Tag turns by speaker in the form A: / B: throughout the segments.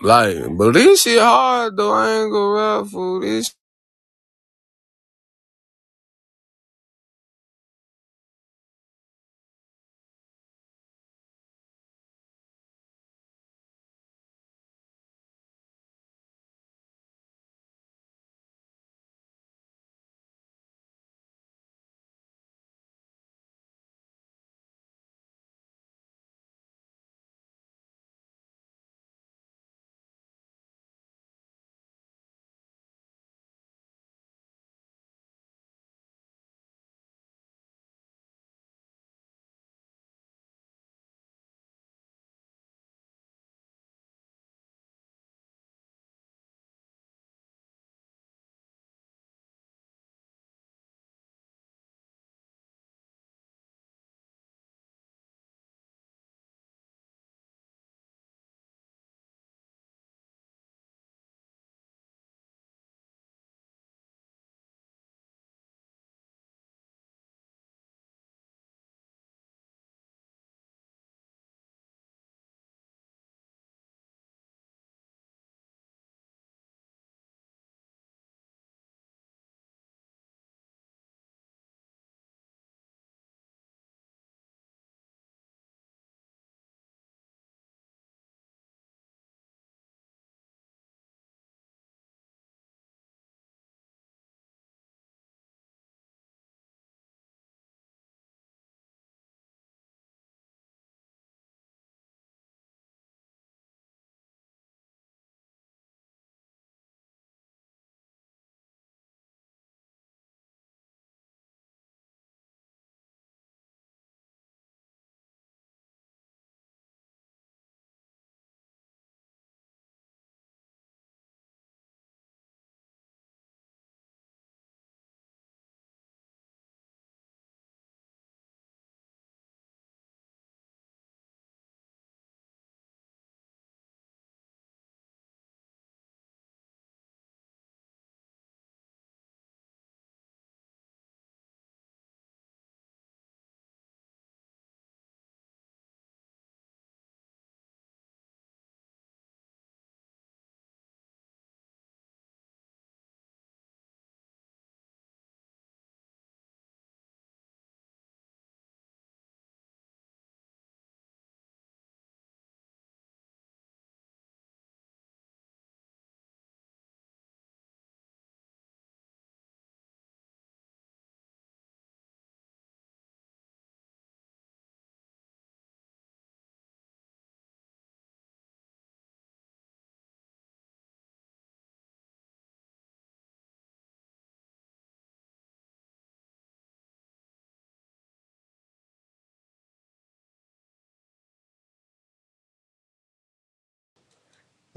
A: Like, but this shit hard though. I ain't gonna rap for this.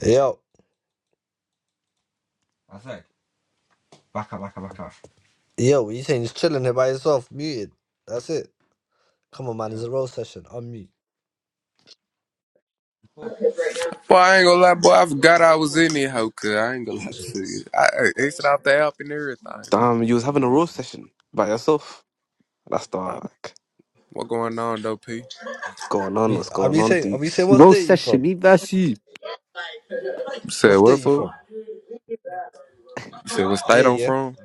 B: Yo, yo, you saying just chilling here by yourself, muted. That's it. Come on, man, it's a roll session. Unmute.
A: Boy, I ain't gonna lie, boy. I forgot I was in it, hoe. Cause I ain't gonna lie to you. I I exited off the app and everything. Fool.
C: Damn, you was having a roast session by yourself. That's
A: My-
C: dark.
A: What going on though, P?
C: What's going on?
B: We,
C: What's
B: are
C: going
B: we
C: on,
B: saying? Are we saying
C: Dukes?
B: what
D: Roast
B: state you from?
D: sashimi versus.
A: You said
B: What
A: what
B: state you
A: fool?
B: from?
A: You said what
B: Yeah,
A: state I'm
B: yeah.
A: from?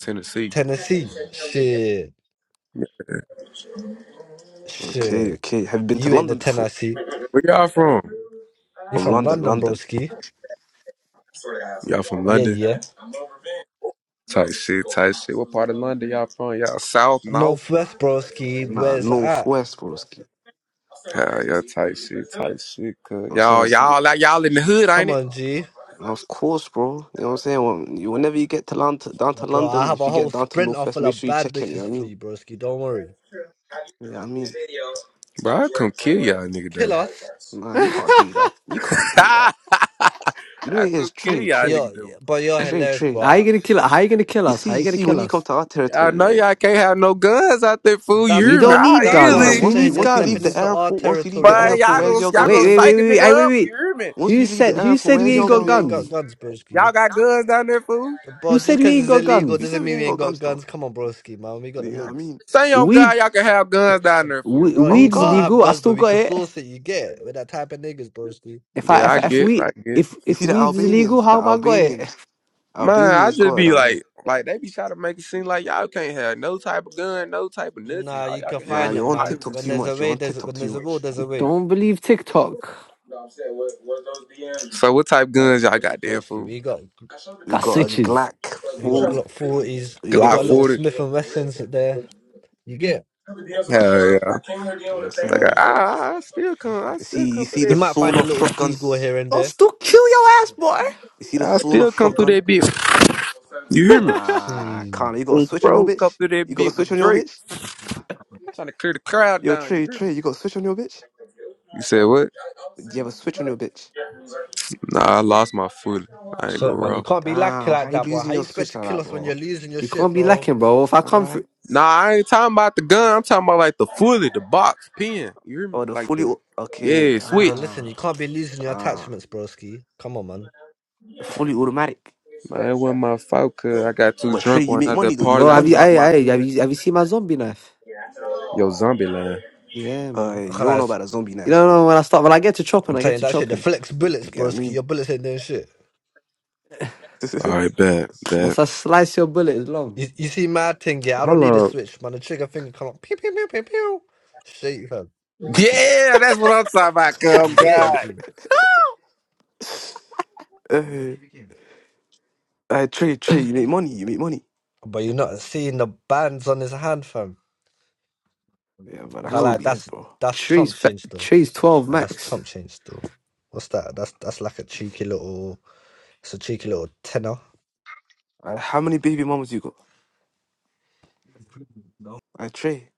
A: Tennessee.
B: Tennessee. Shit,
C: Okay,
B: shit.
C: okay. Have you been to
B: You ain't
C: London
B: the
C: before?
B: Tennessee.
A: Where y'all from?
B: You
C: From
B: from
C: London,
B: London,
C: London.
B: broski.
A: Y'all from
B: Yeah,
A: London?
B: yeah.
A: Type shit, type shit. What part of London y'all from? Y'all south, north?
B: Northwest, broski.
C: Nah,
B: Where's it at?
C: northwest, broski. You know
A: Yeah, y'all type shit, type shit. Cause
C: what I'm
A: y'all,
C: saying?
A: y'all, like y'all in the hood,
B: Come
A: ain't it?
B: on, G,
C: of course, bro. You know what I'm saying? When- you- Whenever you get to London, down to
B: bro. I
C: London,
B: have
C: if
B: a
C: you
B: whole
C: get down to
B: sprinter
C: Northwest,
B: full
C: make
B: of
C: sure you
B: bad
C: check in. You
B: bitches
C: know what I
B: for
C: mean?
B: you, broski. Don't worry.
C: Yeah, I mean,
A: Bro, I come kill y'all, nigga
B: Kill us.
A: though.
C: nah, you can't
D: How
C: do that. You can't do that. You know what
A: I
C: it is?
A: could kill
C: Trade,
A: y'all
C: trade,
B: Yo,
A: nigga them.
B: but you're
C: trade,
B: hilarious,
C: trade.
D: you
B: bro.
D: gonna kill? How you gonna kill
C: You
D: us?
C: see,
D: How you
C: you
D: gonna
C: see,
D: kill
C: when you come
D: us?
C: to our
A: Y'all
C: territory,
A: know
C: yeah,
A: y'all can't have no guns out there, fool. You
B: That's
D: We
A: hear me?
B: that.
D: don't
A: I
D: need
B: That's what
C: yeah.
D: guns.
B: I'm
A: easily.
D: Who
C: Once you
B: saying.
D: needs
B: You're
C: once you leave
B: stepping
C: the
D: guns?
B: into our
C: airport, once you leave
B: territory,
C: the
A: But
C: airport,
A: y'all
B: broski.
C: where's
A: gonna
C: your
A: y'all
C: gun
D: Wait,
A: gonna
C: gonna
D: wait,
C: be?
D: wait,
A: psych a
D: wait, wait, Aye, wait,
A: nigga up.
D: wait.
A: You hear me?
C: Once
D: Who
C: you leave the
D: said? Who
C: airport,
D: said we
C: where's
B: You
D: ain't
C: your
B: said
D: got
C: gun
B: we ain't
C: gonna
B: got
D: guns?
C: be?
B: guns,
A: Y'all
B: broski.
A: got guns down there, fool.
D: Who
B: Bro,
D: said
B: just
D: we
B: because
D: ain't
B: it's
D: got
B: illegal
C: You said
D: guns?
B: doesn't
C: we
B: mean we
C: ain't
B: ain't
C: got
B: got
C: guns though.
B: guns. Come on, broski, man. We got
C: You
B: the
C: know what I
B: links.
C: mean?
A: Say on
D: Weed,
A: God, y'all can have guns down there,
D: we,
A: fool.
B: Bro,
C: On
B: you
D: weed's
B: can't
C: God.
B: have
D: legal. I
B: guns,
D: still
B: but we
D: got
B: can
D: it.
B: source it. You get it with that type of niggas, broski.
D: If I,
A: Yeah,
D: if,
A: I
D: if
A: get,
D: we,
A: I get.
D: if,
C: You
D: if
C: see the
D: weed's legal,
C: Albanians, the
D: how have I got it?
C: Albanians,
A: Man, I
C: Albanians
A: should
C: got it
A: be
C: down here.
A: like, like they be trying to make it seem like y'all can't have no type of gun, no type of nothing.
B: Nah,
A: All
B: you
A: y'all
B: can
A: can
C: Nah,
A: have
B: find
A: is
B: it,
C: you're on
B: man.
A: knives
C: TikTok
A: and
B: When
C: too
A: shit.
B: there's a
C: much. You're
B: way,
C: on
B: there's
C: TikTok
B: when
C: too
B: there's a will,
C: much.
B: there's a way,
D: Don't believe TikTok.
A: So what type of guns y'all got there,
B: broski.
A: fool?
B: We got
C: We
D: Got
C: got a
D: switches.
C: Glock
B: we got
C: 40.
B: Glock forties.
C: We
B: We
A: Glock
C: got,
B: got
C: you know
B: little
A: forty.
B: Smith and Wessons there. You get.
A: Hell yeah.
C: what I'm
A: Like, I,
C: saying?
A: I still come.
B: it?
A: I
C: You
A: still
C: see, you
A: come through
C: see
B: You
C: the
A: that
B: might
A: bit.
C: sawn
B: find a
C: off
B: little deagle
C: shotguns.
B: here and
D: I'll
B: there.
D: still kill your ass, boy.
C: You see the
A: I
C: sawn
A: still
C: off
A: come through
C: shotgun?
A: that bit. You hear me?
C: Nah,
B: See.
C: can't. You got a
A: Them
C: switch on your
A: Bro, come
C: bitch?
A: through
C: You
A: that
C: got a
A: bit
C: switch
A: with
C: on your
A: Drake.
C: bitch?
A: Trying to clear the crowd
C: Yo,
A: down. You
C: Trey,
A: hear me?
C: Trey, you got a switch on your bitch?
A: You said what?
C: Do you have a switch on your bitch?
A: Nah, I lost my fully. I ain't go
B: Shit, man, you
A: wrong.
B: can't be like
C: Damn, how
B: like
C: you
B: that, bro.
C: losing
B: How you
C: your
B: expect
C: switch
B: to
C: like
B: kill
C: that,
B: us when you're
C: bro?
B: losing your
D: You
B: shit,
D: can't be
B: bro?
D: lacking, bro. If I
C: All
D: come
C: right.
D: through,
A: Nah, I ain't talking about the gun. I'm talking about like the fully, the box, pin. You hear me?
C: Oh, the
A: Like
C: fully
A: the,
C: au- okay,
A: yeah,
B: Yeah,
A: switch.
B: listen,
C: damn,
B: you can't be losing your
C: damn.
B: attachments, broski. Come on, man.
C: The fully automatic.
A: Man, that wasn't my fault, cuz I got too
C: But Trey,
A: drunk
C: you
A: when
C: make
A: I the
C: money though. You
A: party.
D: bro,
C: make
A: I
D: have you,
C: money.
D: I,
A: dropped my
D: I, have
A: gun.
D: you, have you seen my zombie knife?
A: Yo, zombie land.
D: Yeah, man.
C: Uh,
B: I
C: you
B: can't
C: don't
B: lie,
C: know about a zombie
D: You
C: nest,
D: don't
C: man.
D: know when I start when I get to chopping,
B: I'm
D: I get
B: telling you
D: to
B: that shit. The
D: chopping.
B: flex bullets,
C: They I
B: broski.
C: mean?
B: Your bullets ain't doing shit.
A: All right, bet, bet.
D: Once I slice your bullet, it's long,
B: You, you see, mad thing, yeah. I don't
A: Hold
B: need
A: on.
B: a switch, man. The trigger finger come up, pew pew pew pew pew. Shit, fam.
A: Yeah, that's what I'm talking about. Cuz. Oh
B: You get it,
A: God.
B: G.
C: uh, uh, Trey, Trey, you make money. You make money.
B: But you're not seeing the bands on his hand, fam.
C: Yeah, but I
B: I
D: bro.
C: can't
B: like
C: be his,
B: that's
C: bro.
B: that's
D: Trees,
B: chump
D: fe-
B: change though.
D: trees, twelve
B: Like, that's
D: max.
B: chump change though. What's that? That's that's like a cheeky little. It's a cheeky little tenner.
C: Uh, how many baby mamas you got? I Trey.